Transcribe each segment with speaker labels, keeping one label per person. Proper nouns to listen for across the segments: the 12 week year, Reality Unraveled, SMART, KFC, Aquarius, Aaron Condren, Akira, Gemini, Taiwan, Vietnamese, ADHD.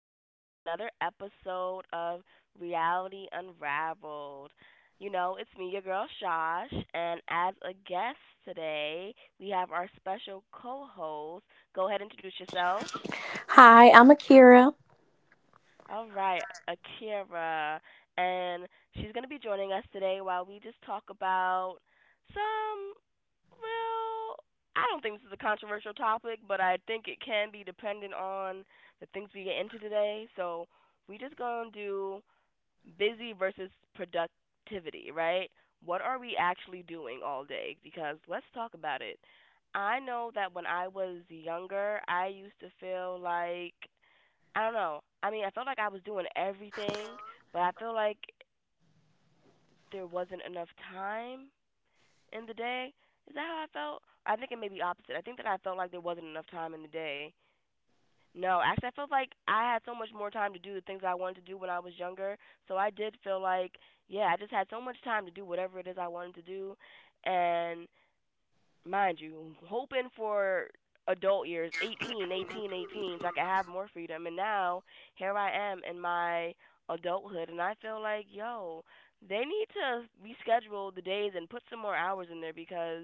Speaker 1: back to another episode of Reality Unraveled. You know, it's me, your girl Shosh, and as a guest today, we have our special co host. Go ahead and introduce yourself.
Speaker 2: Hi, I'm Akira.
Speaker 1: All right, Akira. And she's going to be joining us today while we just talk about some well, I don't think this is a controversial topic, but I think it can be dependent on the things we get into today. So we just gonna do busy versus productivity, right? What are we actually doing all day? Because let's talk about it. I know that when I was younger, I used to feel like I don't know. I mean, I felt like I was doing everything, but I feel like there wasn't enough time in the day. Is that how I felt? I think it may be opposite. I think that I felt like there wasn't enough time in the day. No, actually, I felt like I had so much more time to do the things I wanted to do when I was younger. So I did feel like, yeah, I just had so much time to do whatever it is I wanted to do. And mind you, hoping for adult years, 18, 18, 18, so I could have more freedom. And now here I am in my adulthood, and I feel like, yo, they need to reschedule the days and put some more hours in there because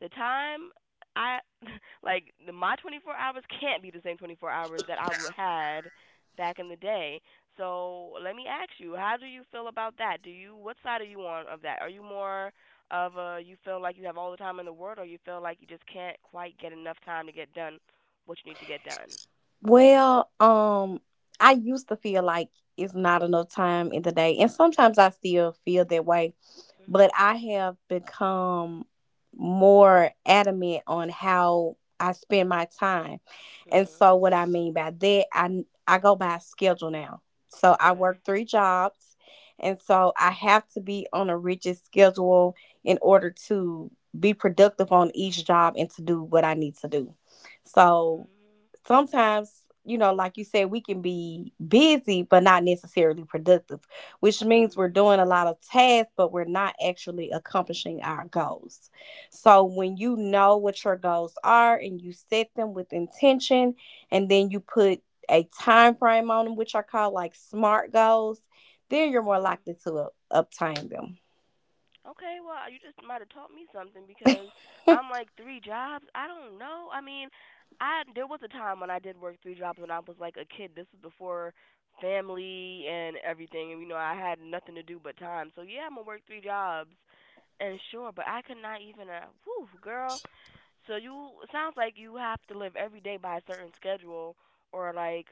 Speaker 1: the time I like the, my 24 hours can't be the same 24 hours that I would had back in the day. So let me ask you, how do you feel about that? Do you What side are you on of that? Are you more of you feel like you have all the time in the world, or you feel like you just can't quite get enough time to get done what you need to get done.
Speaker 2: Well, um, I used to feel like it's not enough time in the day, and sometimes I still feel that way. But
Speaker 1: Mhm.
Speaker 2: I have become more adamant on how I spend my time. And
Speaker 1: Mhm.
Speaker 2: so what I mean by that, I go by a schedule now. So I
Speaker 1: Okay.
Speaker 2: work three jobs, and so I have to be on a rigid schedule in order to be productive on each job and to do what I need to do. So
Speaker 1: Mhm.
Speaker 2: sometimes, you know, like you said, we can be busy but not necessarily productive, which means we're
Speaker 1: Mhm.
Speaker 2: doing a lot of tasks but we're not actually accomplishing our goals. So when you know what your goals are and you set them with intention, and then you put a time frame on them, which are called like smart goals, then you're more
Speaker 1: Mhm.
Speaker 2: likely to obtain them.
Speaker 1: Okay, well, you just might have taught me something because I'm like, three jobs, I don't know. I mean, I there was a time when I did work three jobs when I was like a kid. This was before family and everything, and you know I had nothing to do but time. So yeah, I'm gonna work three jobs, and sure, but I could not even. Whew, girl. So you it sounds like you have to live every day by a certain schedule, or like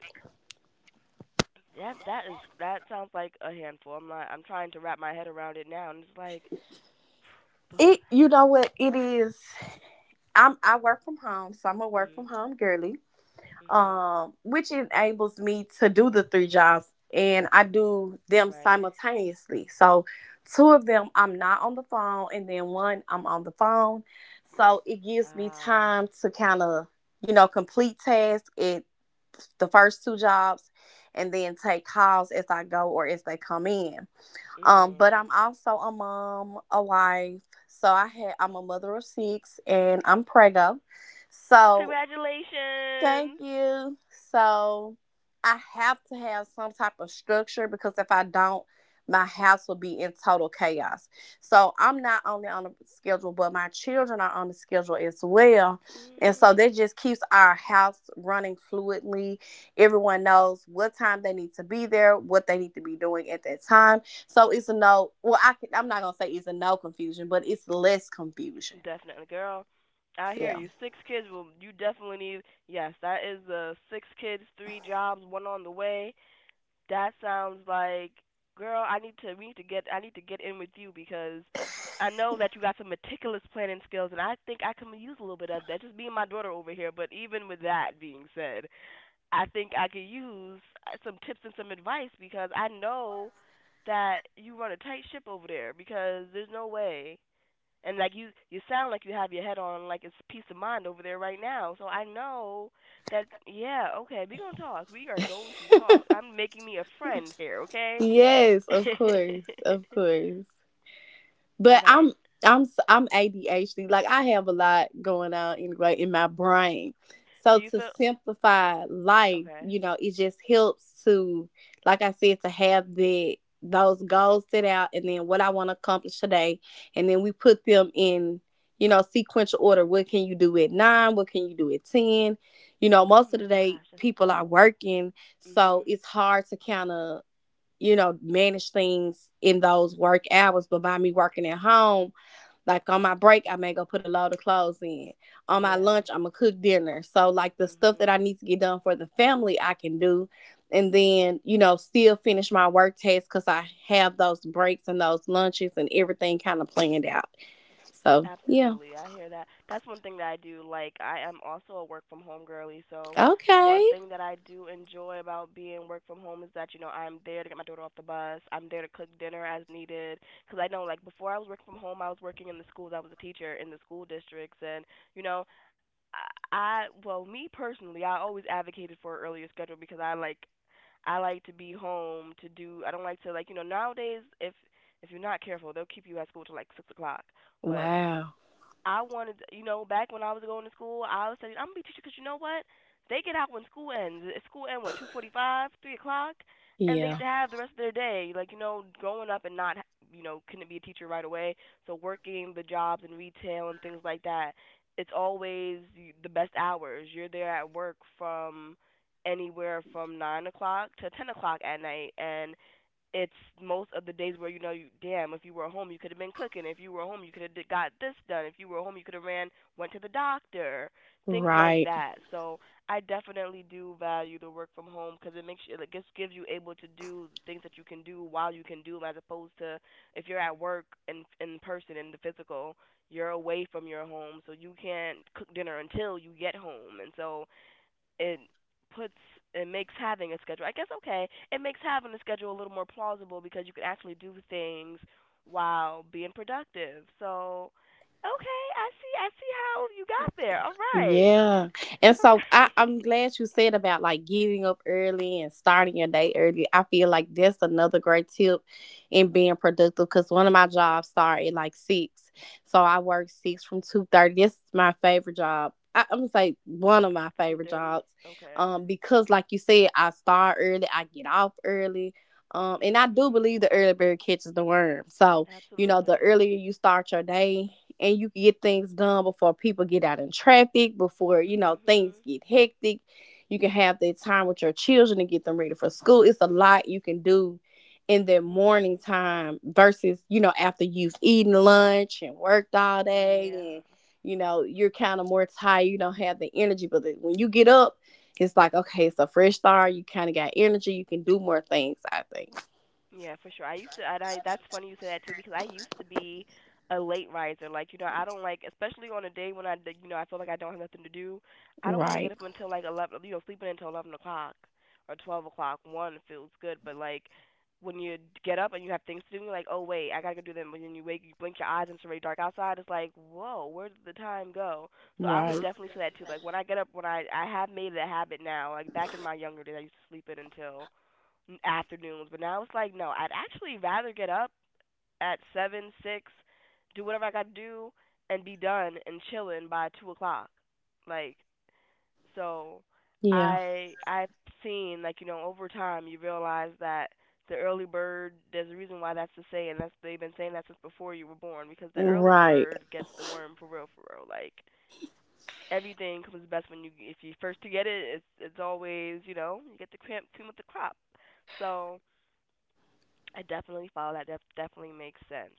Speaker 1: that. That is That sounds like a handful. I'm not. I'm trying to wrap my head around it now, and it's like. But
Speaker 2: It You know what it is, I work from home, so I'm a work
Speaker 1: Mhm.
Speaker 2: from home girly.
Speaker 1: Mhm.
Speaker 2: Which enables me to do the three jobs, and I do them
Speaker 1: Right.
Speaker 2: simultaneously. So, two of them I'm not on the phone, and then one I'm on the phone. So, it gives me
Speaker 1: Ah.
Speaker 2: time to kind of, you know, complete tasks at the first two jobs and then take calls as I go or as they come in. But
Speaker 1: Mm.
Speaker 2: I'm also a mom, a wife. So, I'm a mother of six and I'm preggo. So thank
Speaker 1: Congratulations.
Speaker 2: you. So I have to have some type of structure, because if I don't, my house will be in total chaos. So I'm not only on the schedule, but my children are on the schedule as well. And
Speaker 1: Mhm.
Speaker 2: so that just keeps our house running fluidly. Everyone knows what time they need to be there, what they need to be doing at that time. So it's a no, well, I can, I'm not going to say it's a no confusion, but it's less confusion.
Speaker 1: Definitely, girl. I hear
Speaker 2: Yeah.
Speaker 1: you. Six kids, will you definitely need. Yes, that is the six kids, three jobs, one on the way. That sounds like, girl. I need to. We need to get. I need to get in with you because I know that you got some meticulous planning skills, and I think I can use a little bit of that. Just being my daughter over here, but even with that being said, I think I could use some tips and some advice because I know that you run a tight ship over there because there's no way. And like you sound like you have your head on like it's peace of mind over there right now. So I know that, yeah, okay, we gonna talk. We are going to talk. I'm making me a friend here, okay?
Speaker 2: Yes, of course, of course.
Speaker 1: All
Speaker 2: But
Speaker 1: right.
Speaker 2: I'm ADHD. Like I have a lot going on anyway in my brain.
Speaker 1: Do
Speaker 2: So
Speaker 1: you
Speaker 2: to
Speaker 1: feel
Speaker 2: simplify life,
Speaker 1: okay?
Speaker 2: you know, it just helps to, like I said, to have the those goals set out and then what I want to accomplish today. And then we put them in, you know, sequential order. What can you do at 9? What can you do at 10? You know,
Speaker 1: Oh
Speaker 2: most of
Speaker 1: my
Speaker 2: the day
Speaker 1: gosh, that's
Speaker 2: people are
Speaker 1: so.
Speaker 2: working. So
Speaker 1: Mhm.
Speaker 2: it's hard to kind of, manage things in those work hours. But by me working at home, like on my break, I may go put a load of clothes in. On my
Speaker 1: Yeah.
Speaker 2: lunch, I'm gonna cook dinner. So like the stuff that
Speaker 1: Mhm.
Speaker 2: I need to get done for the family, I can do. And then, you know, still finish my work tasks because I have those breaks and those lunches and everything kind of planned out. So, yeah.
Speaker 1: Absolutely. I hear that. That's one thing that I do like. I am also a work from home girly, so one
Speaker 2: Okay.
Speaker 1: thing that I do enjoy about being work from home is that, you know, I'm there to get my daughter off the bus. I'm there to cook dinner as needed. Cause I know like before I was working from home, I was working in the schools. I was a teacher in the school districts, and, you know, I well, me personally, I always advocated for an earlier schedule because I like to be home to do. I don't like to, like, you know, nowadays, if you're not careful, they'll keep you at school till like 6 o'clock. But
Speaker 2: Wow.
Speaker 1: I wanted, you know, back when I was going to school, I was saying I'm gonna be a teacher because you know what? They get out when school ends. School ends, what, 2:45, 3 o'clock, and they get
Speaker 2: Yeah.
Speaker 1: to have the rest of their day. Like, growing up, and not, couldn't be a teacher right away. So working the jobs in retail and things like that, it's always the best hours. You're there at work from anywhere from 9 o'clock to 10 o'clock at night, and it's most of the days where, you know, you damn, if you were home you could have been cooking, if you were home you could have got this done, if you were home you could have ran, went to the doctor, things like
Speaker 2: Right.
Speaker 1: that. So I definitely do value the work from home because it just gives you able to do things that you can do while you can do them, as opposed to if you're at work in person, in the physical, you're away from your home so you can't cook dinner until you get home. And so it puts it makes having a schedule, I guess. Okay, it makes having a schedule a little more plausible because you can actually do things while being productive. So okay, I see how you got there. All right,
Speaker 2: Yeah. And
Speaker 1: all
Speaker 2: so I'm
Speaker 1: right.
Speaker 2: glad you said about like getting up early and starting your day early. I feel like that's another great tip in being productive, because one of my jobs start at like six. So I work six from 2:30. This is my favorite job. I'm gonna say one of my
Speaker 1: Six to two
Speaker 2: favorite
Speaker 1: thirty.
Speaker 2: jobs.
Speaker 1: Okay.
Speaker 2: Because like you said, I start early, I get off early. And I do
Speaker 1: Mhm.
Speaker 2: believe the early bird catches the worm. So, you know, the
Speaker 1: Absolutely.
Speaker 2: earlier you start your day, and you can get things done before people get out in traffic, before, you know, things
Speaker 1: Mhm.
Speaker 2: get hectic. You can have that time with your children and get them ready for school. It's a lot you can do in that morning
Speaker 1: Mhm.
Speaker 2: time versus, you know, after you've eaten lunch and worked all
Speaker 1: Yeah.
Speaker 2: day, and you know you're kind of more tired. You don't have the energy, but when you get up, it's like okay, it's a fresh start. You kind of got energy. You can do more things, I think.
Speaker 1: Yeah, for sure. I used to, and I that's funny you say that too because I used to be a late riser. Like, you know, I don't like, especially on a day when I d- you know I feel like I don't have nothing to do. I don't want to get
Speaker 2: Right.
Speaker 1: up until like 11, you know, sleeping until 11 o'clock or 12 o'clock. One feels good, but like when you get up and you have things to do, you're like, oh wait, I gotta go do them. When you wake, you blink your eyes and it's already dark outside. It's like, whoa, where did the time go? So I would
Speaker 2: Right.
Speaker 1: definitely say that too. Like when I get up, when I have made it a habit now. Like back in my younger days, I used to sleep in until afternoons, but now it's like, no, I'd actually rather get up at seven, six, do whatever I gotta do, and be done and chilling by 2 o'clock. Like, so,
Speaker 2: Yeah.
Speaker 1: I've seen like, you know, over time you realize that the early bird, there's a reason why that's the saying, that's they've been saying that since before you were born because the early
Speaker 2: Right.
Speaker 1: bird gets the worm, for real, for real. Like, everything comes best when you, if you first to get it, it's always, you know, you get the cream, cream with the crop. So I definitely follow that. Definitely makes sense.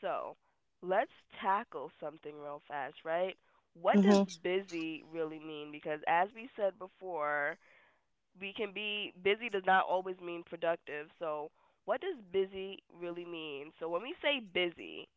Speaker 1: So let's tackle something real fast, right? What does
Speaker 2: hmm
Speaker 1: busy really mean? Because as we said before, we can be busy does not always mean productive. So what does busy really mean? So when we say busy,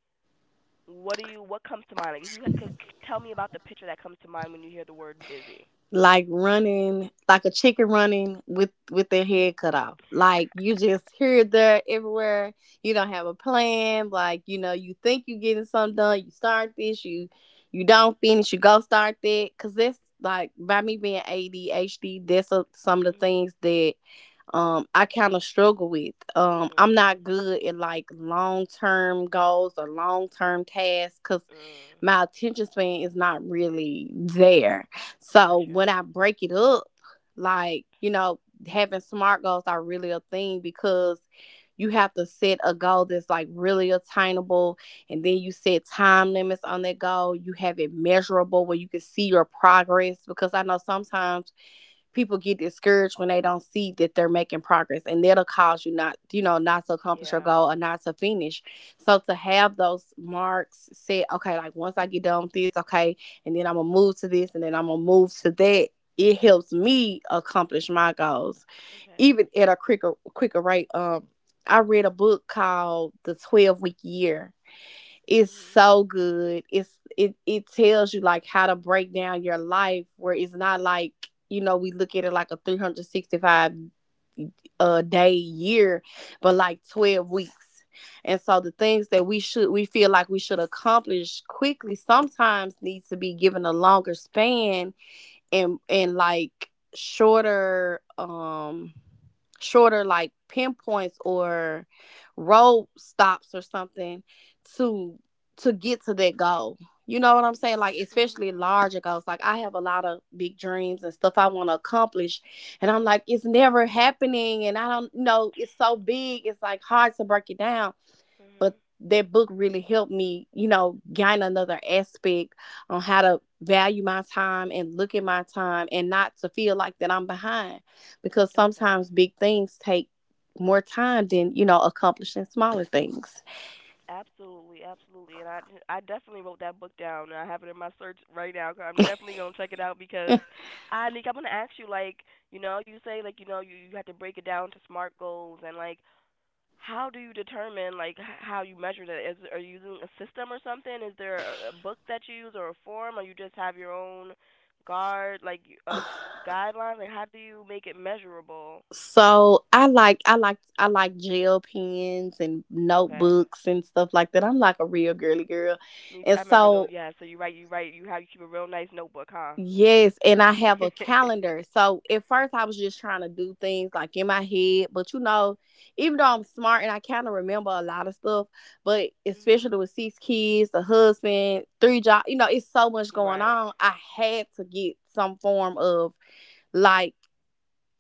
Speaker 1: what do you what comes to mind? Like, if you ha- could c- tell me about the picture that comes to mind when you hear the word busy.
Speaker 2: like running like a chicken running with their head cut off. Like you just here there everywhere, you don't have a plan. Like, you know, you think you're getting something done, you start this, you don't finish, you go start that, because that's like by me being ADHD, some of the
Speaker 1: Mhm.
Speaker 2: things that I kind of struggle with. I'm
Speaker 1: Mhm.
Speaker 2: not good at like long-term goals or long-term tasks, because
Speaker 1: Mm.
Speaker 2: my attention span is not really there. So
Speaker 1: Gotcha.
Speaker 2: when I break it up, like, you know, having smart goals are really a thing, because you have to set a goal that's like really attainable, and then you set time limits on that goal. You have it measurable where you can see your progress, because I know sometimes people get discouraged when they don't see that they're making progress, and that'll cause you not, you know, not to accomplish your
Speaker 1: Yeah.
Speaker 2: goal or not to finish. So to have those marks set, okay, like once I get done with this, okay, and then I'm gonna move to this, and then I'm gonna move to that, it helps me accomplish my goals
Speaker 1: Okay.
Speaker 2: even at a quicker rate. I read a book called The 12 Week Year. It's
Speaker 1: Mhm.
Speaker 2: so good. It tells you like how to break down your life, where it's not like, you know, we look at it like a 365 day year, but like 12 weeks. And so the things that we should, we feel like we should accomplish quickly, sometimes needs to be given a longer span, and like shorter, shorter like pinpoints or road stops or something to get to that goal. You know what I'm saying? Like especially
Speaker 1: Mhm.
Speaker 2: larger goals. Like I have a lot of big dreams and stuff I want to accomplish, and I'm like, it's never happening, and I don't know, it's so big, it's like hard to break it down. But
Speaker 1: Mhm.
Speaker 2: that book really helped me, you know, gain another aspect on how to value my time and look at my time, and not to feel like that I'm behind, because
Speaker 1: Okay.
Speaker 2: sometimes big things take more time than, you know, accomplishing smaller things.
Speaker 1: Absolutely, absolutely. And I definitely wrote that book down and I have it in my search right now. I'm definitely going to check it out because I think I'm going to ask you, like, you know, you say like, you have to break it down to SMART goals and like, how do you determine like how you measure that? Is are you using a system or something? Is there a book that you use, or a form, or you just have your own guard like uh guidelines? Like, how do you make it measurable?
Speaker 2: So I like gel pens and
Speaker 1: Okay.
Speaker 2: notebooks and stuff like that. I'm like a real girly girl.
Speaker 1: Me too. I
Speaker 2: And
Speaker 1: remember though.
Speaker 2: so
Speaker 1: Yeah. So you keep a real nice notebook, huh?
Speaker 2: yes, and I have a calendar. So at first I was just trying to do things like in my head, but you know, even though I'm smart and I kind of remember a lot of stuff, but
Speaker 1: Mhm.
Speaker 2: especially with six kids, the husband, three jobs, you know, it's so much going
Speaker 1: Right.
Speaker 2: on. I had to get some form of like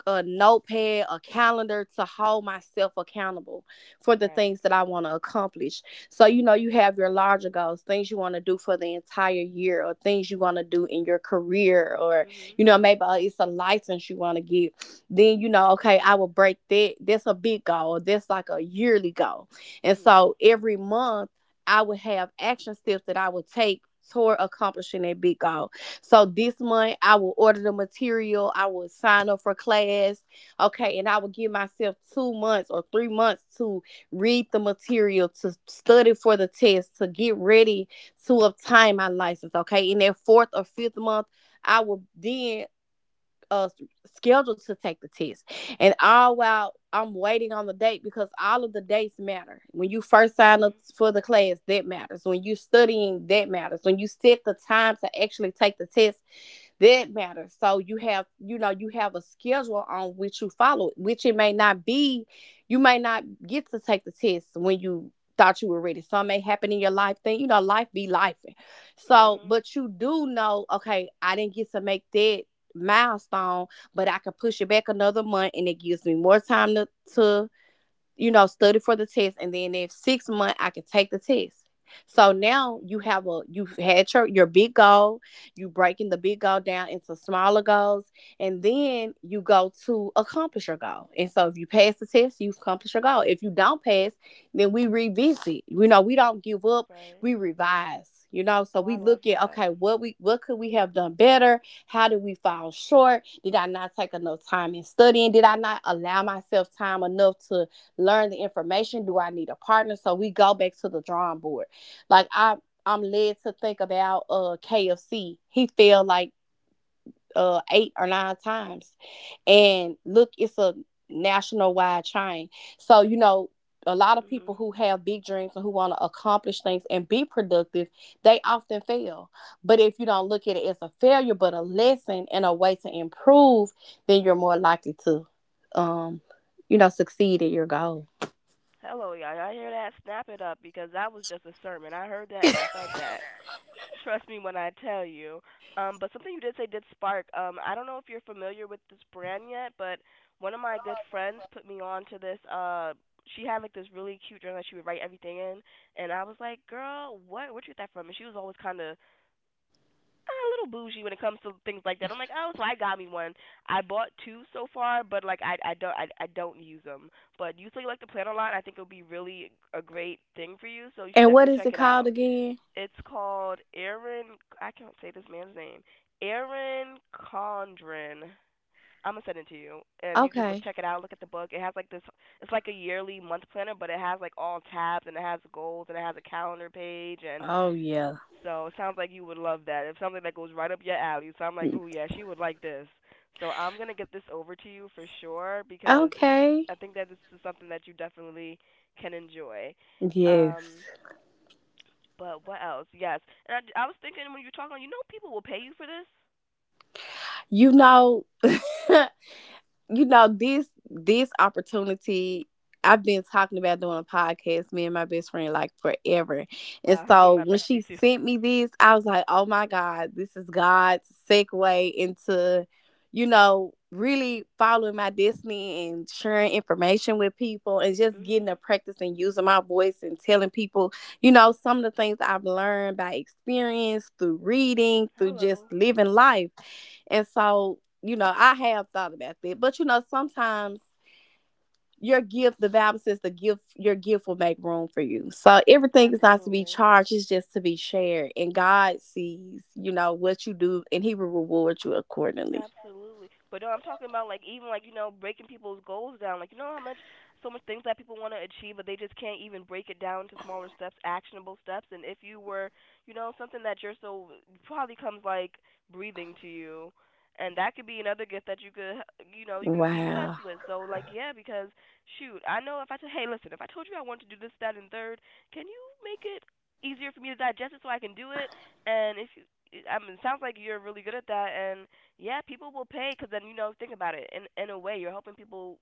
Speaker 2: a notepad, a calendar to hold myself accountable for the
Speaker 1: Right.
Speaker 2: things that I want to accomplish. So, you know, you have your larger goals, things you want to do for the entire year, or things you want to do in your career, or,
Speaker 1: Mhm.
Speaker 2: you know, maybe it's a license you want to get. Then, you know, okay, I will break that. That's a big goal. That's like a yearly goal. And
Speaker 1: Mhm.
Speaker 2: so every month, I would have action steps that I would take toward accomplishing that big goal. So this month I will order the material, I will sign up for class, okay, and I will give myself 2 months or 3 months to read the material, to study for the test, to get ready to obtain my license, okay? In that fourth or fifth month, I will then uh schedule to take the test, and all while I'm waiting on the date, because all of the dates matter. When you first sign up
Speaker 1: Mhm.
Speaker 2: for the class, that matters. When you studying, that matters. When you set the time to actually take the test, that matters. So you have, you know, you have a schedule on which you follow, which it may not be, you may not get to take the test when you thought you were ready. Something may happen in your life thing, you know, life be life. So
Speaker 1: Mhm.
Speaker 2: but you do know, okay, I didn't get to make that milestone, but I can push it back another month, and it gives me more time to study for the test, and then if 6 months I can take the test. So
Speaker 1: Mhm.
Speaker 2: now you have a, you've had your big goal, you breaking the big goal down into smaller goals, and then you go to accomplish your goal. And so if you pass the test, you've accomplished your goal. If you don't pass, then we revisit. You know, we don't give up,
Speaker 1: Right.
Speaker 2: we revise, you know. So
Speaker 1: Oh,
Speaker 2: we
Speaker 1: I love
Speaker 2: look at
Speaker 1: that.
Speaker 2: okay, what we, what could we have done better? How did we fall short? Did I not take enough time in studying? Did I not allow myself time enough to learn the information? Do I need a partner? So we go back to the drawing board. Like i i'm led to think about KFC. He failed like 8 or 9 times, and look, it's a national wide chain. So you know, a lot of people
Speaker 1: Mhm.
Speaker 2: who have big dreams and who want to accomplish things and be productive, they often fail. But if you don't look at it as a failure but a lesson and a way to improve, then you're more likely to um you know, succeed at your goal.
Speaker 1: Hello, y'all. Y'all hear that? Snap it up because that was just a sermon. I heard that and I felt that. Trust me when I tell you. But something you did say did spark. I don't know if you're familiar with this brand yet, but one of my good friends put me on to this. She had like this really cute journal that she would write everything in, and I was like, "Girl, what? Where'd you get that from?" And she was always kind of a little bougie when it comes to things like that. I'm like, oh, so I got me one. I bought two so far, but like I don't I don't use them. But you say you like to plan a lot. I think it'll be really a great thing for you. So you should
Speaker 2: And what
Speaker 1: definitely
Speaker 2: is
Speaker 1: check
Speaker 2: it
Speaker 1: it
Speaker 2: called
Speaker 1: out.
Speaker 2: again?
Speaker 1: It's called Aaron. I can't say this man's name. Aaron Condren. I'm gonna send it to you, and you just look
Speaker 2: Okay.
Speaker 1: check it out. Look at the book. It has like this. It's like a yearly month planner, but it has like all tabs, and it has goals, and it has a calendar page, and
Speaker 2: Oh yeah.
Speaker 1: so it sounds like you would love that. It's something that goes right up your alley. So I'm like, ooh, yeah, she would like this. So I'm gonna get this over to you for sure because
Speaker 2: Okay.
Speaker 1: I think that this is something that you definitely can enjoy.
Speaker 2: Yes.
Speaker 1: Um, but what else? Yes, and I was thinking when you're talking, you know, people will pay you for this.
Speaker 2: You know, you know, this opportunity, I've been talking about doing a podcast, me and my best friend, like forever. And
Speaker 1: Wow, me and
Speaker 2: so
Speaker 1: my
Speaker 2: when she
Speaker 1: bestie too.
Speaker 2: sent me this, I was like, oh my God, this is God's segue into, you know, really following my destiny and sharing information with people and just getting to
Speaker 1: Mhm.
Speaker 2: practice and using my voice and telling people, you know, some of the things I've learned by experience, through reading, through just
Speaker 1: Hello.
Speaker 2: living life. And so, you know, I have thought about that. But you know, sometimes your gift, the Bible says the gift, your gift will make room for you. So everything is not to be
Speaker 1: Absolutely.
Speaker 2: charged, it's just to be shared. And God sees, you know, what you do, and He will reward you accordingly.
Speaker 1: Absolutely. But no, I'm talking about like even like, you know, breaking people's goals down. Like you know how much so much things that people want to achieve but they just can't even break it down to smaller steps, actionable steps. And if you were, you know, something that you're so probably comes like breathing to you. And that could be another gift that you could, you know, you could be
Speaker 2: Wow.
Speaker 1: blessed with. So like, yeah, because shoot, I know if I said, hey, listen, if I told you I wanted to do this, that, and third, can you make it easier for me to digest it so I can do it? And if you, I mean, it sounds like you're really good at that, and yeah, people will pay because then you know, think about it. In a way, you're helping people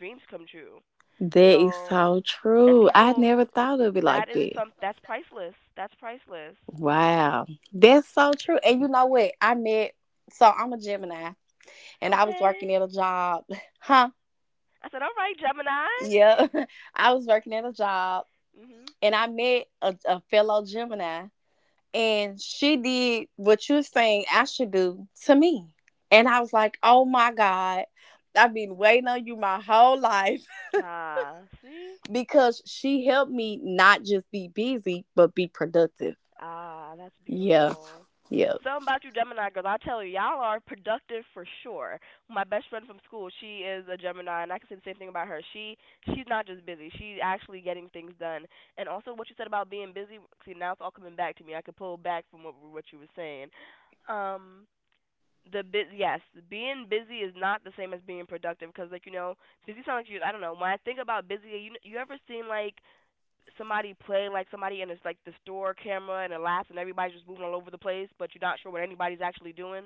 Speaker 1: dreams come true.
Speaker 2: That is
Speaker 1: So,
Speaker 2: so
Speaker 1: and
Speaker 2: true. I
Speaker 1: people,
Speaker 2: never thought of it
Speaker 1: that
Speaker 2: like
Speaker 1: is
Speaker 2: that.
Speaker 1: some that's priceless. That's priceless.
Speaker 2: Wow. That's so true. And you know what? I met, so I'm a Gemini, and I was
Speaker 1: Okay.
Speaker 2: working at a job. Huh?
Speaker 1: I said, all right, Gemini.
Speaker 2: Yeah. I was working at a job
Speaker 1: Mhm.
Speaker 2: and I met a fellow Gemini, and she did what you're saying I should do to me. And I was like, oh my God, I've been waiting on you my whole life,
Speaker 1: Ah, see.
Speaker 2: because she helped me not just be busy, but be productive.
Speaker 1: Ah, that's
Speaker 2: Yeah,
Speaker 1: beautiful.
Speaker 2: yeah,
Speaker 1: Something about you Gemini girls. I tell you, y'all are productive for sure. My best friend from school, she is a Gemini, and I can say the same thing about her. She's not just busy; she's actually getting things done. And also, what you said about being busy, see, now it's all coming back to me. I could pull back from what you were saying. Um, yes, being busy is not the same as being productive because, like you know, busy sounds like you. I don't know. When I think about busy, you ever seen like somebody playing like somebody and it's like the store camera and it laughs and everybody's just moving all over the place, but you're not sure what anybody's actually doing.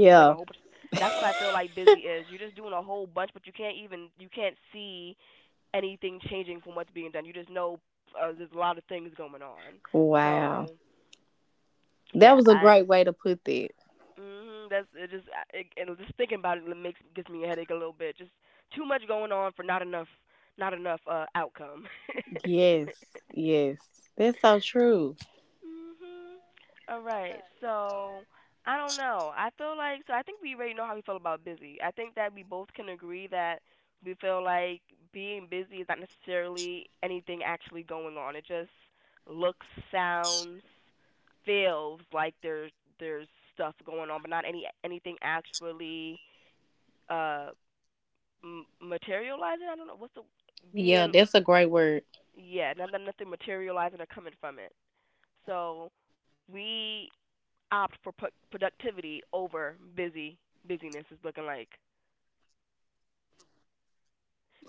Speaker 1: Looks like a whole. Bunch That's what I feel like busy is. You're just doing a whole bunch, but you can't see anything changing from what's being done. You just know there's a lot of things going on.
Speaker 2: Wow.
Speaker 1: So
Speaker 2: That
Speaker 1: yeah,
Speaker 2: was a great way to put that.
Speaker 1: that's it. Just just thinking about it makes gives me a headache a little bit. Just too much going on for not enough outcome.
Speaker 2: Yes, yes. That's so true.
Speaker 1: Mhm. All right. So I don't know. I feel like I think we already know how we feel about busy. I think that we both can agree that we feel like being busy is not necessarily anything actually going on. It just looks, sounds, feels like there's stuff going on, but not any anything actually uh materializing. I don't know what's the
Speaker 2: Yeah,
Speaker 1: being
Speaker 2: that's a great word.
Speaker 1: yeah, nothing materializing or coming from it. So we opt for productivity over busyness is looking like.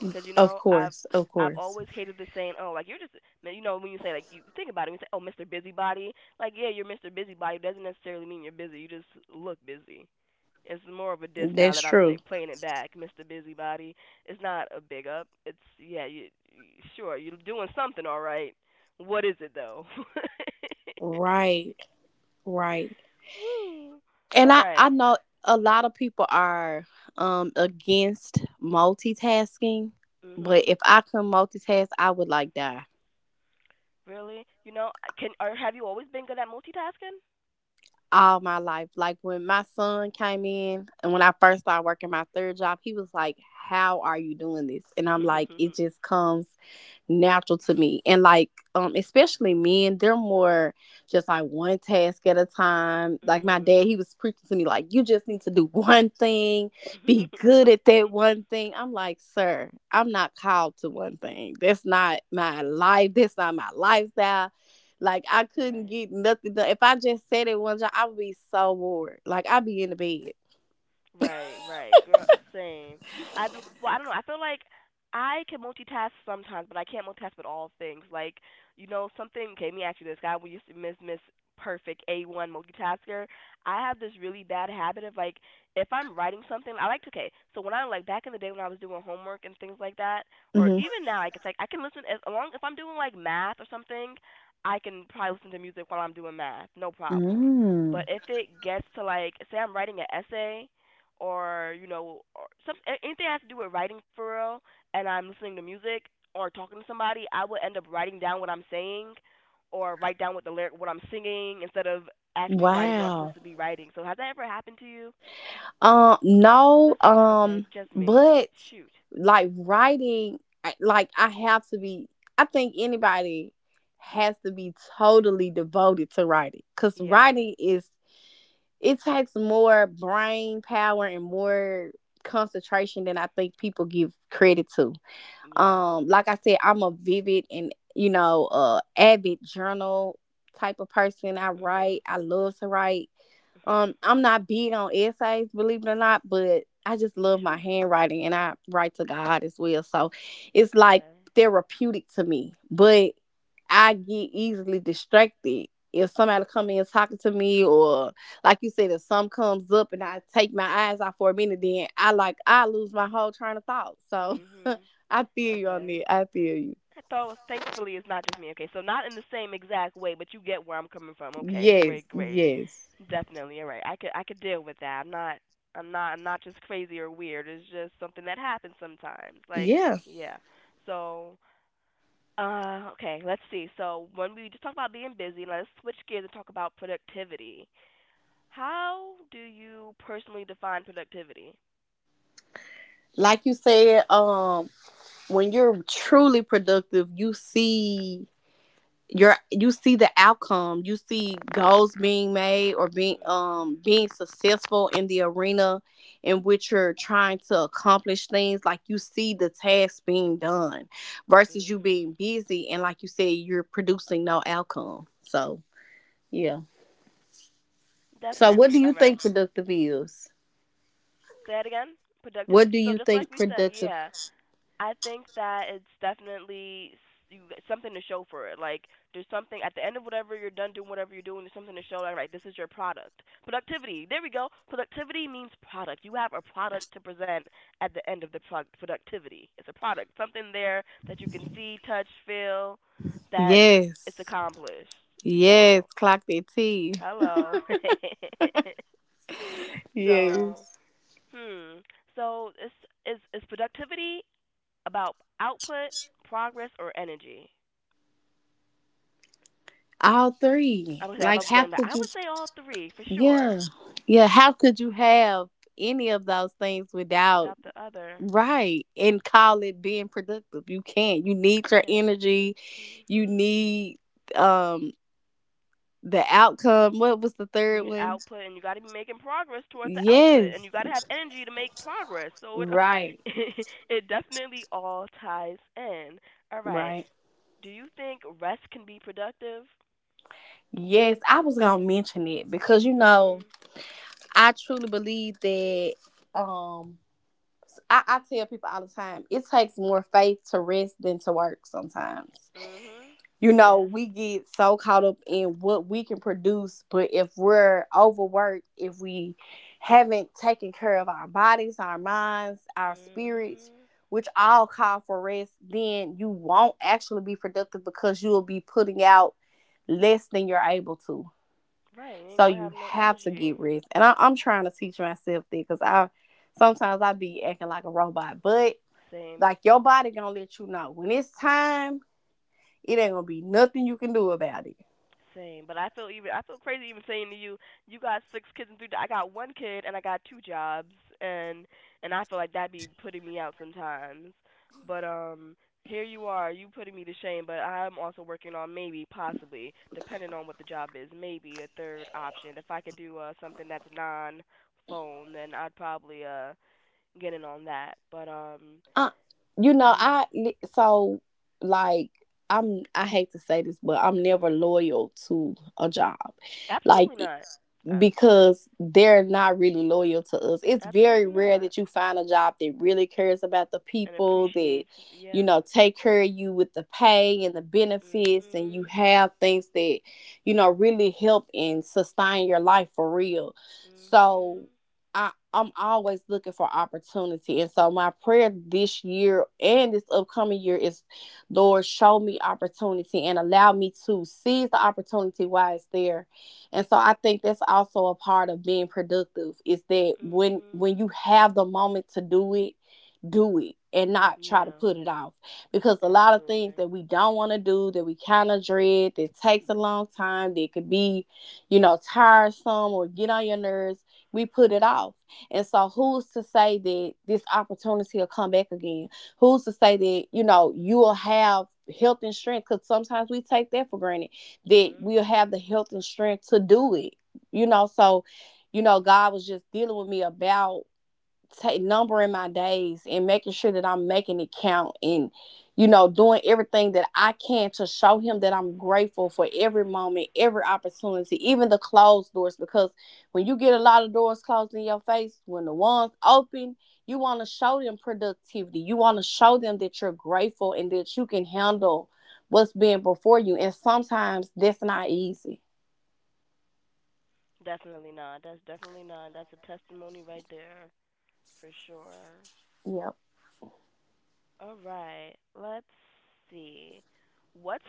Speaker 1: Because you
Speaker 2: Of
Speaker 1: know,
Speaker 2: course, of
Speaker 1: I've
Speaker 2: course.
Speaker 1: always hated the saying, oh, like you're just, you know, when you say like you think about it, when you say, oh, Mr. Busybody, like yeah, you're Mr. Busybody it doesn't necessarily mean you're busy. You just look busy. It's more of a diss now
Speaker 2: That's
Speaker 1: that I'm
Speaker 2: true.
Speaker 1: think, playing it back, Mr. Busybody. It's not a big up. It's yeah, you sure you're doing something all right. What is it though?
Speaker 2: Right, right.
Speaker 1: Woo.
Speaker 2: And
Speaker 1: All
Speaker 2: I
Speaker 1: right.
Speaker 2: know a lot of people are against multitasking, but
Speaker 1: Mhm.
Speaker 2: if I could not multitask, I would like die
Speaker 1: Really? You know, I can or have you always been good at multitasking?
Speaker 2: all my life. Like when my son came in and when I first started working my third job, he was like, "How are you doing this?" And I'm like, "It just comes natural to me." And like, especially men, they're more just like one task at a time. Like my dad,
Speaker 1: Mhm.
Speaker 2: he was preaching to me, like, you just need to do one thing, be good at that one thing. I'm like, sir, I'm not called to one thing. That's not my life. That's not my lifestyle. Like I couldn't
Speaker 1: Right.
Speaker 2: get nothing done. If I just sat at one job, I would be so bored. Like I'd be in the bed.
Speaker 1: Right, right, girl. Same. I do, well, I don't know. I feel like I can multitask sometimes, but I can't multitask with all things. Like, you know, something. Okay, let me ask you this, guy. We used to miss Miss Perfect A one multitasker. I have this really bad habit of like, if I'm writing something, I like to. Okay, so when I like back in the day when I was doing homework and things like that, or
Speaker 2: hmm
Speaker 1: even now, like it's like I can listen as long if I'm doing like math or something. I can probably listen to music while I'm doing math, no problem.
Speaker 2: Mm.
Speaker 1: But if it gets to like, say I'm writing an essay or you know or some anything that has to do with writing for real and I'm listening to music or talking to somebody, I would end up writing down what I'm saying or write down what the lyric what I'm singing instead of actually writing what I'm
Speaker 2: Wow.
Speaker 1: supposed to be writing. So has that ever happened to you? Is
Speaker 2: No,
Speaker 1: that something? Okay, it's just me.
Speaker 2: but
Speaker 1: Shoot.
Speaker 2: like writing, I- like I have to be, I think anybody has to be totally devoted to writing because
Speaker 1: Yeah.
Speaker 2: writing is, it takes more brain power and more concentration than I think people give credit to.
Speaker 1: Yeah.
Speaker 2: Like I said, I'm a vivid and you know, avid journal type of person. I write,
Speaker 1: Mhm.
Speaker 2: I love to write. I'm not big on essays, believe it or not, but I just love my
Speaker 1: Phew.
Speaker 2: handwriting, and I write to God as well. So it's like
Speaker 1: Okay.
Speaker 2: therapeutic to me. But I get easily distracted. If somebody come in talking to me, or like you said, if some comes up and I take my eyes off for a minute, then I like I lose my whole train of thought. So
Speaker 1: Mhm.
Speaker 2: I feel you on
Speaker 1: Okay.
Speaker 2: it. I feel you.
Speaker 1: I So thankfully it's not just me. Okay, so not in the same exact way, but you get where I'm coming from. Okay,
Speaker 2: Yes,
Speaker 1: great, great.
Speaker 2: yes.
Speaker 1: Definitely, all right. I could deal with that. I'm not just crazy or weird. It's just something that happens sometimes. Like,
Speaker 2: Yeah.
Speaker 1: yeah. So, okay, let's see. So when we just talk about being busy, let's switch gears and talk about productivity. How do you personally define productivity?
Speaker 2: Like you said, when you're truly productive, you see you see the outcome. You see goals being made or being
Speaker 1: Mhm.
Speaker 2: being successful in the arena in which you're trying to accomplish things. Like you see the tasks being done versus you being
Speaker 1: Mhm.
Speaker 2: busy, and like you said, you're producing no outcome. So yeah. So what
Speaker 1: Definitely.
Speaker 2: do you
Speaker 1: All right.
Speaker 2: think productive is?
Speaker 1: Say it again. Productive.
Speaker 2: What do
Speaker 1: So
Speaker 2: you
Speaker 1: just like
Speaker 2: think
Speaker 1: we said,
Speaker 2: productive?
Speaker 1: yeah. I think that it's definitely you, something to show for it. Like, there's something at the end of whatever you're done doing, whatever you're doing, there's something to show. Like, right, this is your product. Productivity. There we go. Productivity means product. You have a product to present at the end of the product. Productivity. It's a product. Something there that you can see, touch, feel, that it's
Speaker 2: Yes.
Speaker 1: accomplished.
Speaker 2: Yes.
Speaker 1: So,
Speaker 2: Clock that T.
Speaker 1: hello. So,
Speaker 2: Yes.
Speaker 1: hmm. So, is is productivity about output, progress, or energy?
Speaker 2: All
Speaker 1: I
Speaker 2: three.
Speaker 1: would say
Speaker 2: Like
Speaker 1: about
Speaker 2: how
Speaker 1: blame, but
Speaker 2: could
Speaker 1: I
Speaker 2: you—
Speaker 1: would say all three for
Speaker 2: yeah.
Speaker 1: sure.
Speaker 2: Yeah. How could you have any of those things without—
Speaker 1: Without the other,
Speaker 2: right, and call it being productive? You can't. You
Speaker 1: you
Speaker 2: need your
Speaker 1: can't.
Speaker 2: energy. You
Speaker 1: Mhm.
Speaker 2: need um the outcome. What was the
Speaker 1: You
Speaker 2: third
Speaker 1: need
Speaker 2: one?
Speaker 1: output, and you got to be making progress towards the output, and
Speaker 2: Yes.
Speaker 1: you got to have energy to make progress. So it
Speaker 2: Right.
Speaker 1: it definitely all ties in. All right.
Speaker 2: Right.
Speaker 1: Do you think rest can be productive?
Speaker 2: Yes, I was gonna mention it because you know,
Speaker 1: Mhm.
Speaker 2: I truly believe that um I tell people all the time, it takes more faith to rest than to work sometimes.
Speaker 1: Mhm.
Speaker 2: You know,
Speaker 1: Yes.
Speaker 2: we get so caught up in what we can produce, but if we're overworked, if we haven't taken care of our bodies, our minds, our spirits,
Speaker 1: Mhm.
Speaker 2: which all call for rest, then you won't actually be productive because you will be putting out less than you're able to.
Speaker 1: Right. You ain't
Speaker 2: So
Speaker 1: gonna
Speaker 2: you
Speaker 1: have no
Speaker 2: have to get
Speaker 1: energy.
Speaker 2: rest. And I'm trying to teach myself that because I sometimes I be acting like a robot. But
Speaker 1: Same.
Speaker 2: like your body gonna let you know when it's time. It ain't gonna be nothing you can do about it.
Speaker 1: Same, but I feel even I feel crazy even saying to you, you got 6 kids and three. I got 1 kid and I got 2 jobs, and and I feel like that'd be putting me out sometimes. But here you are, you putting me to shame. But I'm also working on maybe, possibly, depending on what the job is, maybe a third option. If I could do something that's non-phone, then I'd probably get in on that. But
Speaker 2: Uh, you know,
Speaker 1: you,
Speaker 2: I so like I hate to say this, but I'm never
Speaker 1: mm
Speaker 2: loyal to a job. Like
Speaker 1: absolutely not. Ouch,
Speaker 2: because they're not really loyal to us. It's very
Speaker 1: absolutely
Speaker 2: rare
Speaker 1: not.
Speaker 2: that you find a job that really cares about the
Speaker 1: And
Speaker 2: people that
Speaker 1: appreciates,
Speaker 2: you
Speaker 1: yeah.
Speaker 2: know take care of you with the pay and the benefits, and you
Speaker 1: Mhm.
Speaker 2: have things that you know really help and sustain your life for real. So
Speaker 1: Mhm.
Speaker 2: I'm always looking for opportunity. And so my prayer this year and this upcoming year is Lord show me opportunity and allow me to seize the opportunity while it's there. And so I think that's also a part of being productive is that when
Speaker 1: Mhm.
Speaker 2: when you have the moment to do it and not try to
Speaker 1: Yeah,
Speaker 2: put it off. Because a lot of things
Speaker 1: absolutely.
Speaker 2: that we don't want to do, that we kind of dread, that takes a long time, that could be, you know, tiresome or get on your nerves, we put it off. And so who's to say that this opportunity will come back again? Who's to say that, you know, you will have health and strength? Because sometimes we take that for granted that we'll
Speaker 1: Mhm.
Speaker 2: have the health and strength to do it. You know, so you know, God was just dealing with me about take numbering my days and making sure that I'm making it count, and you know doing everything that I can to show him that I'm grateful for every moment, every opportunity, even the closed doors. Because when you get a lot of doors closed in your face, when the ones open, you want to show them productivity. You want to show them that you're grateful and that you can handle what's being before you, and sometimes that's not easy.
Speaker 1: Definitely not. That's definitely not. That's a testimony right there for sure.
Speaker 2: Yep.
Speaker 1: All right. Let's see. What's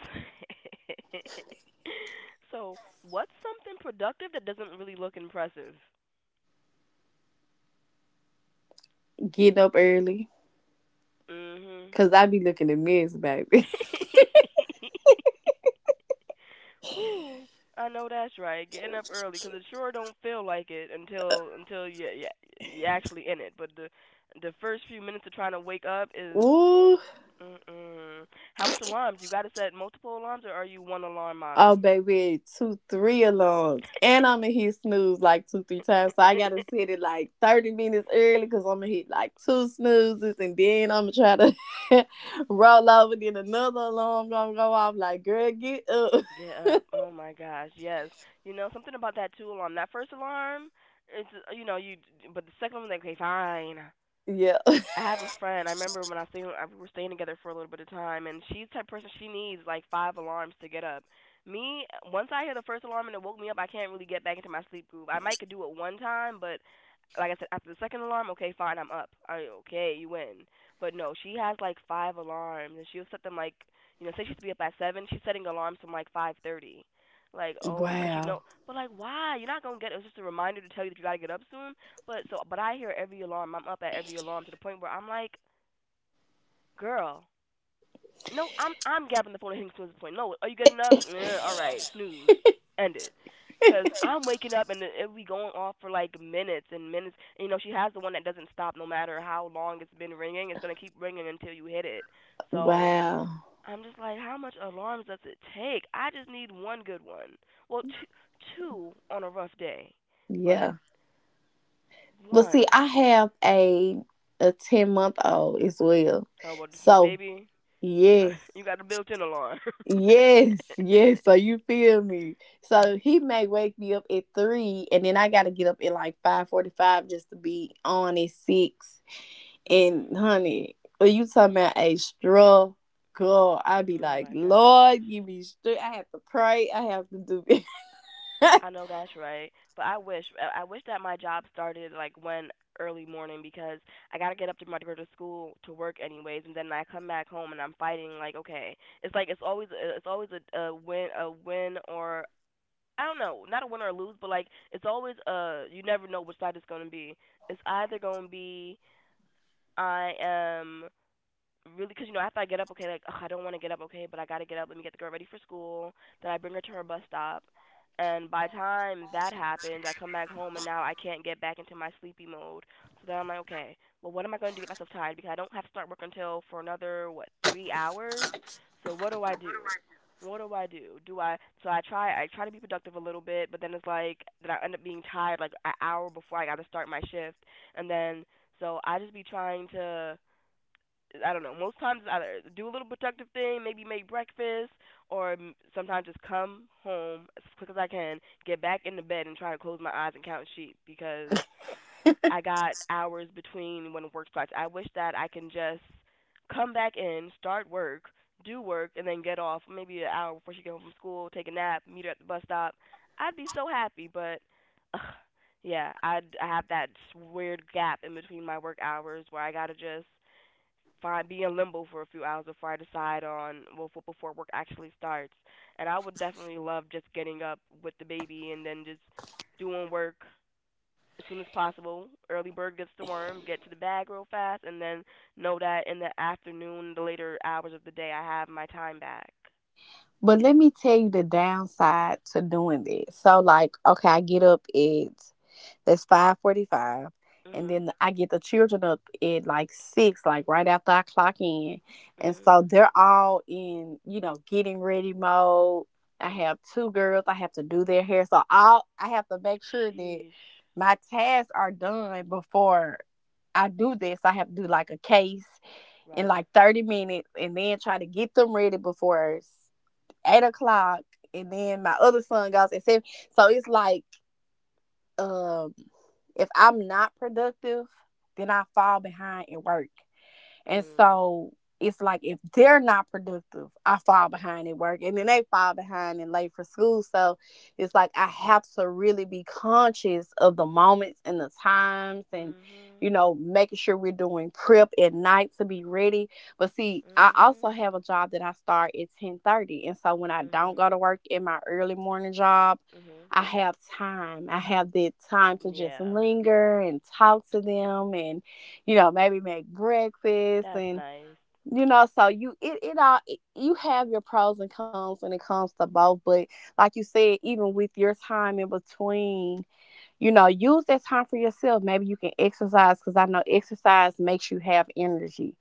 Speaker 1: so, what's something productive that doesn't really look impressive?
Speaker 2: Getting up early
Speaker 1: Mhm.
Speaker 2: cuz I be looking at mess, baby.
Speaker 1: Woo! I know that's right. Getting up early 'cause it sure don't feel like it until you you actually in it. But the first few minutes of trying to wake up is
Speaker 2: Ooh.
Speaker 1: mm-mm. How much alarms? You got to set multiple alarms, or are you one alarm
Speaker 2: Oh
Speaker 1: mommy?
Speaker 2: baby, two, three alarms, and I'm gonna hit snooze like two, three times. So I gotta set it like 30 minutes early because I'm gonna hit like two snoozes, and then I'm gonna try to roll over. Then another alarm gonna go off. Like, girl, get up.
Speaker 1: Get up. Oh my gosh, yes. You know something about that two alarm. That first alarm, it's you know you, but the second one like okay fine.
Speaker 2: yeah.
Speaker 1: I have a friend. I remember when I was staying, we were staying together for a little bit of time, and she's the type of person she needs like 5 alarms to get up. Me, once I hear the first alarm and it woke me up, I can't really get back into my sleep groove. I might could do it one time, but like I said, after the second alarm, okay, fine, I'm up. I okay, you win. But no, she has like five alarms, and she'll set them like say she has to be up at seven, she's setting alarms from like 5:30. Like oh, 'cause she know,
Speaker 2: Wow.
Speaker 1: but like why? You're not gonna get. It's just a reminder to tell you that you gotta get up soon. But I hear every alarm. I'm up at every alarm to the point where I'm like, girl, no, I'm gapping the phone and hitting snooze at the point. No, are you getting up? All right, snooze, end it. Because I'm waking up and it'll be going off for like minutes and minutes. And, she has the one that doesn't stop no matter how long it's been ringing. It's gonna keep ringing until you hit it. So
Speaker 2: Wow.
Speaker 1: I'm just like, how much alarms does it take? I just need one good one. Well, two, two on a rough day, but
Speaker 2: Yeah. But see,
Speaker 1: one.
Speaker 2: I have a 10 month old as well.
Speaker 1: Oh well,
Speaker 2: So
Speaker 1: baby, you got
Speaker 2: yes.
Speaker 1: you got a built-in alarm.
Speaker 2: Yes, yes. So you feel me? So he may wake me up at 3, and then I gotta get up at like 5:45 just to be on at 6. And
Speaker 1: Mhm.
Speaker 2: honey, when you talking about a struggle, I be
Speaker 1: Oh
Speaker 2: like,
Speaker 1: my gosh.
Speaker 2: Lord, give me strength. I have to pray. I have to do it.
Speaker 1: I know that's right, but I wish that my job started like when early morning because I gotta get up to my to go to school to work anyways, and then I come back home and I'm fighting like okay, it's always a win or I don't know, not a win or lose, but like it's always you never know which side it's gonna be. It's either gonna be I am really because after I get up, okay, like ugh, I don't want to get up, okay, but I gotta get up. Let me get the girl ready for school. Then I bring her to her bus stop, and by the time that happens, I come back home and now I can't get back into my sleepy mode. So then I'm like, okay, well what am I going to do to get myself tired because I don't have to start work until for another what 3 hours. So what do I do? What do I do? Do I so I try to be productive a little bit, but then it's like that I end up being tired like an hour before I got to start my shift, and then so I just be trying to I don't know. Most times either do a little productive thing, maybe make breakfast, or sometimes just come home as quick as I can, get back in the bed and try to close my eyes and count sheep because I got hours between when work starts. I wish that I can just come back in, start work, do work, and then get off maybe an hour before she gets home from school, take a nap, meet her at the bus stop. I'd be so happy, but ugh, yeah, I have that weird gap in between my work hours where I gotta just find be in limbo for a few hours before I decide on well for, before work actually starts. And I would definitely love just getting up with the baby and then just doing work as soon as possible. Early bird gets the worm, get to the bag real fast, and then know that in the afternoon, the later hours of the day, I have my time back.
Speaker 2: But let me tell you the downside to doing this. So like, okay, I get up at— that's 5:45. And
Speaker 1: Mhm.
Speaker 2: then I get the children up at like 6, like right after I clock in. And
Speaker 1: Mhm.
Speaker 2: so they're all in, you know, getting ready mode. I have two girls. I have to do their hair. So all I have to make sure that
Speaker 1: Sheesh.
Speaker 2: my tasks are done before I do this. I have to do like a case in
Speaker 1: Right.
Speaker 2: like 30 minutes and then try to get them ready before 8 o'clock. And then my other son goes at 7. So it's like um if I'm not productive, then I fall behind in work. And
Speaker 1: Mm.
Speaker 2: so it's like if they're not productive, I fall behind at work and then they fall behind and late for school. So it's like I have to really be conscious of the moments and the times, and you
Speaker 1: Mhm.
Speaker 2: know, making sure we're doing prep at night to be ready. But see, I also
Speaker 1: Mhm.
Speaker 2: have a job that I start at 10:30. And so when I don't go
Speaker 1: Mhm.
Speaker 2: to work in my early morning job,
Speaker 1: Mhm.
Speaker 2: I have time. I have that time to just
Speaker 1: Yeah.
Speaker 2: linger and talk to them and maybe make breakfast
Speaker 1: That's
Speaker 2: and
Speaker 1: nice.
Speaker 2: you know, so you it it all it, you have your pros and cons when it comes to both. But like you said, even with your time in between, use that time for yourself. Maybe you can exercise because I know exercise makes you have energy,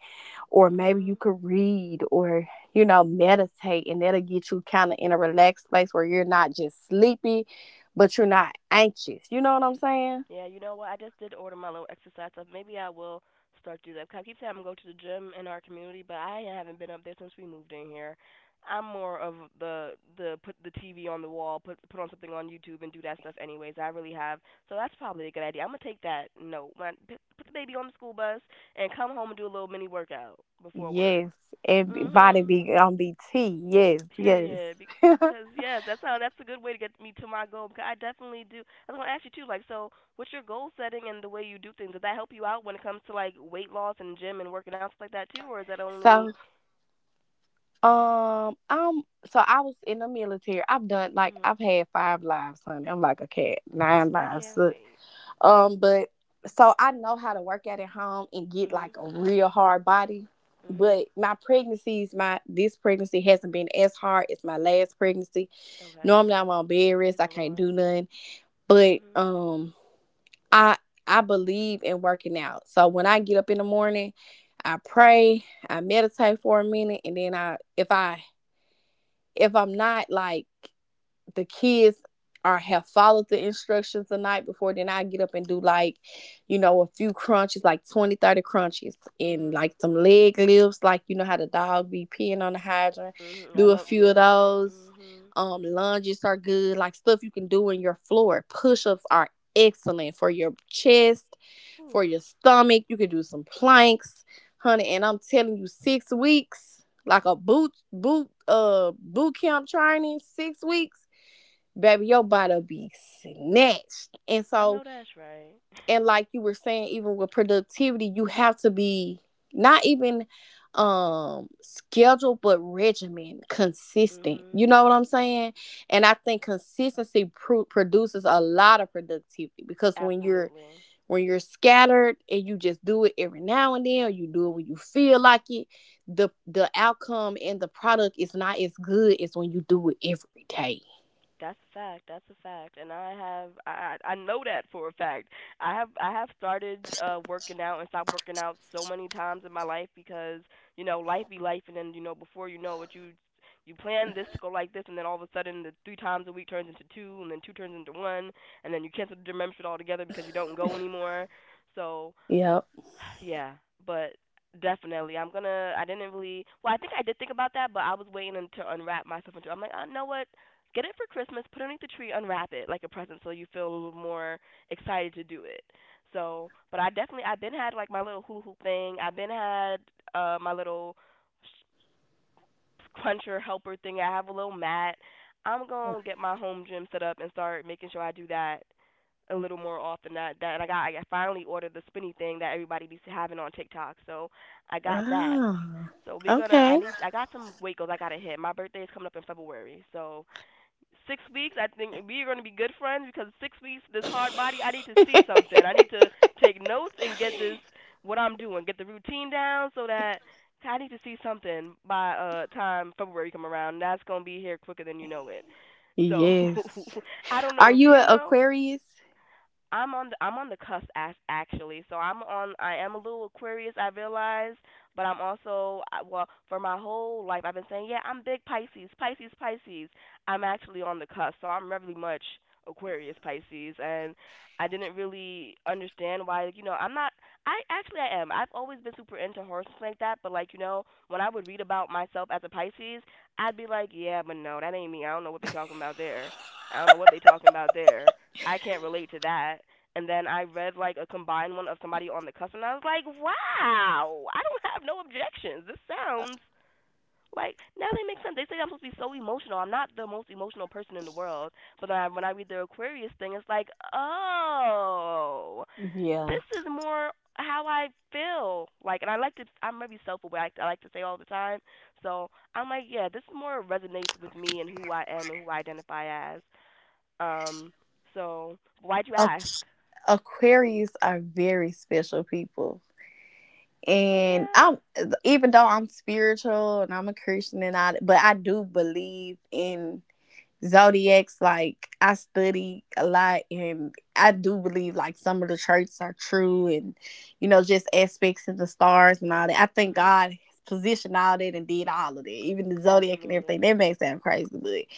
Speaker 2: or maybe you
Speaker 1: Mhm.
Speaker 2: could read or meditate, and that'll get you kind of in a relaxed place where you're not just sleepy, but you're not anxious. You know what I'm saying?
Speaker 1: Yeah, you know what? I just did order my little exercise stuff. Maybe I will start doing that. 'Cause I keep saying I'm going to go to the gym in our community, but I haven't been up there since we moved in here. I'm more of the put the TV on the wall, put on something on YouTube, and do that stuff anyways. I really have, so that's probably a good idea. I'm gonna take that note. Put the baby on the school bus and come home and do a little mini workout before work.
Speaker 2: Yes, and body
Speaker 1: Mhm.
Speaker 2: be on BT. Yes, yes.
Speaker 1: Period. Because yeah, that's how. That's a good way to get me to my goal. Because I definitely do. I was gonna ask you too. Like, so what's your goal setting and the way you do things? Does that help you out when it comes to like weight loss and gym and working out stuff like that too, or is that only?
Speaker 2: So, so I was in the military. I've done like
Speaker 1: Mhm.
Speaker 2: I've had 5 lives, honey. I'm like a cat, nine
Speaker 1: I
Speaker 2: lives.
Speaker 1: can't
Speaker 2: Look,
Speaker 1: wait.
Speaker 2: but so I know how to work out at home and get
Speaker 1: Mhm.
Speaker 2: like a real hard body.
Speaker 1: Mhm.
Speaker 2: But my this pregnancy hasn't been as hard as my last pregnancy.
Speaker 1: Okay.
Speaker 2: Normally I'm on bed rest.
Speaker 1: Praise
Speaker 2: I
Speaker 1: the
Speaker 2: can't
Speaker 1: Lord.
Speaker 2: do nothing. But
Speaker 1: Mhm.
Speaker 2: um. I I believe in working out. So when I get up in the morning, I pray, I meditate for a minute, and then I if I'm not like the kids are have followed the instructions the night before, then I get up and do, like, a few crunches, like 20, 30 crunches, and
Speaker 1: Mhm.
Speaker 2: like some leg lifts, like you know how the dog be peeing on the hydrant.
Speaker 1: Mhm. I
Speaker 2: Do a
Speaker 1: love.
Speaker 2: few of
Speaker 1: Yeah.
Speaker 2: those.
Speaker 1: Mhm.
Speaker 2: Lunges are good, like stuff you can do in your floor. Push-ups are excellent for your chest.
Speaker 1: Whew.
Speaker 2: For your stomach you can do some planks, honey. And I'm telling you, 6 weeks, like a boot camp training, 6 weeks, baby, your body'll be snatched. And
Speaker 1: I know
Speaker 2: so,
Speaker 1: that's right.
Speaker 2: and like you were saying, even with productivity, you have to be not even scheduled but regimen, consistent,
Speaker 1: Mhm.
Speaker 2: you know what I'm saying? And I think consistency produces a lot of productivity, because
Speaker 1: Absolutely.
Speaker 2: when you're scattered and you just do it every now and then, or you do it when you feel like it, the outcome and the product is not as good as when you do it every day.
Speaker 1: That's a fact. That's a fact, and I have I know that for a fact. I have started working out and stopped working out so many times in my life because you know life be life, and then you know before you know it, you plan this to go like this, and then all of a sudden the three times a week turns into two, and then two turns into one, and then you cancel the gym membership altogether because you don't go anymore. So
Speaker 2: Yep.
Speaker 1: yeah, but definitely, I'm gonna. I didn't really. Well, I think I did think about that, but I was waiting un- to unwrap myself into. I'm like, I know what. Get it for Christmas. Put it underneath the tree. Unwrap it like a present, so you feel a little more excited to do it. So, but I definitely. I've been had like my little hula hoop thing. I've been had my little cruncher helper thing. I have a little mat. I'm gonna get my home gym set up and start making sure I do that a little more often. That that and I finally ordered the spinny thing that everybody be having on TikTok. So I got that.
Speaker 2: Ah,
Speaker 1: So we're gonna
Speaker 2: okay.
Speaker 1: I got some weight goals I gotta hit. My birthday is coming up in February, so 6 weeks, I think we are going to be good friends because 6 weeks, this hard body, I need to see something. I need to take notes and get this, what I'm doing, get the routine down so that I need to see something by time February come around. That's going to be here quicker than you know it. So
Speaker 2: Yes.
Speaker 1: I don't
Speaker 2: Are
Speaker 1: know if
Speaker 2: you
Speaker 1: you
Speaker 2: an
Speaker 1: know,
Speaker 2: Aquarius?
Speaker 1: I'm on the cusp as, actually. So I am a little Aquarius, I realize, but I'm also well for my whole life I've been saying, yeah, I'm big Pisces, Pisces, Pisces. I'm actually on the cusp. So I'm really much Aquarius Pisces and I didn't really understand why, like, you know, I'm not I am. I've always been super into horses like that, but like, you know, when I would read about myself as a Pisces, I'd be like, yeah, but no, that ain't me. I don't know what they talking about there. I don't know what they talking about there I can't relate to that. And then I read like a combined one of somebody on the cusp, and I was like, wow, I don't have no objections. This sounds like now they make sense. They say I'm supposed to be so emotional. I'm not the most emotional person in the world, but when I read the Aquarius thing, it's like, oh,
Speaker 2: Yeah.
Speaker 1: this is more how I feel. Like, and I like to, I'm maybe self-aware. Like I like to say all the time. So I'm like, yeah, this more resonates with me and who I am and who I identify as. Um, so why'd you ask?
Speaker 2: Aqu- Aquarius are very special people.
Speaker 1: Oh
Speaker 2: And
Speaker 1: yeah.
Speaker 2: I'm, even though I'm spiritual and I'm a Christian and I, but I do believe in zodiacs. Like, I study a lot and I do believe like some of the charts are true, and you know just aspects of the stars and all that. I think
Speaker 1: Mhm.
Speaker 2: God has positioned all that and did all of that, even the zodiac and everything.
Speaker 1: Absolutely.
Speaker 2: That may sound crazy,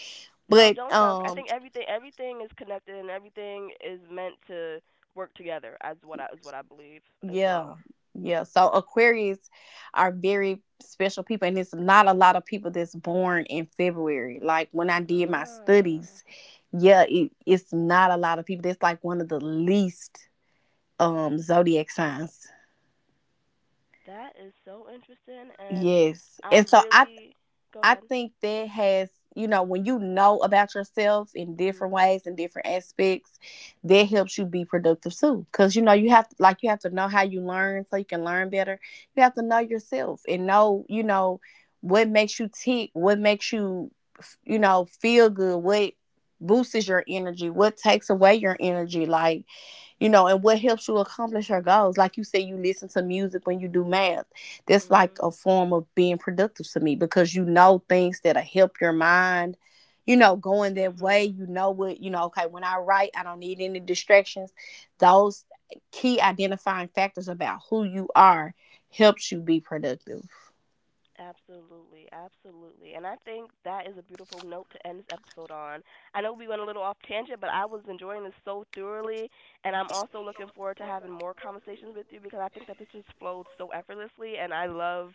Speaker 1: No,
Speaker 2: but
Speaker 1: don't sound. I think everything is connected and everything is meant to work together. As what I is what I believe as
Speaker 2: yeah,
Speaker 1: well.
Speaker 2: yeah. So Aquarius are very special people, and it's not a lot of people that's born in February. Like, when I did my
Speaker 1: Ah,
Speaker 2: studies, yeah, it, it's not a lot of people that's, like, one of the least zodiac signs.
Speaker 1: that is so interesting, and
Speaker 2: Yes.
Speaker 1: I
Speaker 2: And so
Speaker 1: really go
Speaker 2: I
Speaker 1: ahead.
Speaker 2: think that has, you know, when you know about yourself in
Speaker 1: Mhm.
Speaker 2: different ways and different aspects, that helps you be productive too. Cause you know, you have, like, you have to know how you learn so you can learn better. You have to know yourself and know, you know, what makes you tick, what makes you, you know, feel good, what boosts your energy, what takes away your energy. Like, you know, and what helps you accomplish your goals. Like you say, you listen to music when you do math. That's like
Speaker 1: Mhm.
Speaker 2: a form of being productive to me, because you know things that'll help your mind, you know, going that way.
Speaker 1: Mhm.
Speaker 2: You know what, you know, okay, when I write, I don't need any distractions. Those key identifying factors about who you are helps you be productive.
Speaker 1: Absolutely, absolutely. And I think that is a beautiful note to end this episode on. I know we went a little off tangent, but I was enjoying this so thoroughly. And I'm also looking forward to having more conversations with you because I think that this just flowed so effortlessly. And I love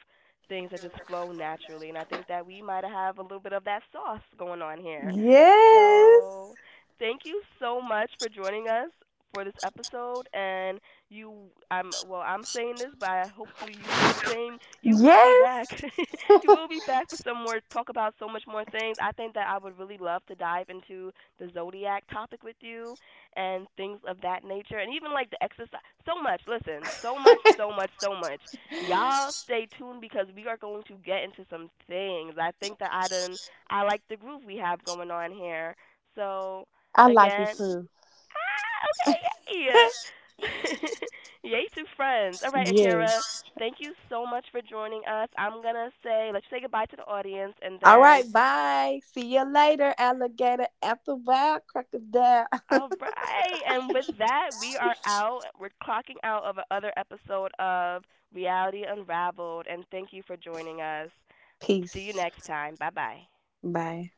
Speaker 1: things that just flow naturally. And I think that we might have a little bit of that sauce going on here.
Speaker 2: Yes.
Speaker 1: So thank you so much for joining us for this episode. And you I'm well I'm saying this but hopefully you feel the same you will be back
Speaker 2: Yes.
Speaker 1: you will be back for some more talk about so much more things I think that I would really love to dive into the zodiac topic with you and things of that nature and even like the exercise so much listen so much y'all stay tuned because we are going to get into some things I think that I done I like the groove we have going on here so
Speaker 2: I like it
Speaker 1: again
Speaker 2: too.
Speaker 1: ah, okay yeah Yay to friends. All right, Akira.
Speaker 2: Yes.
Speaker 1: Thank you so much for joining us. I'm gonna say let's say goodbye to the audience and
Speaker 2: All
Speaker 1: then
Speaker 2: right, bye. See you
Speaker 1: yeah.
Speaker 2: later, alligator. After a while, crocodile.
Speaker 1: All right. And with that, we are out. We're clocking out of another episode of Reality Unraveled and thank you for joining us. See you
Speaker 2: Peace.
Speaker 1: next time. Bye bye.
Speaker 2: Bye.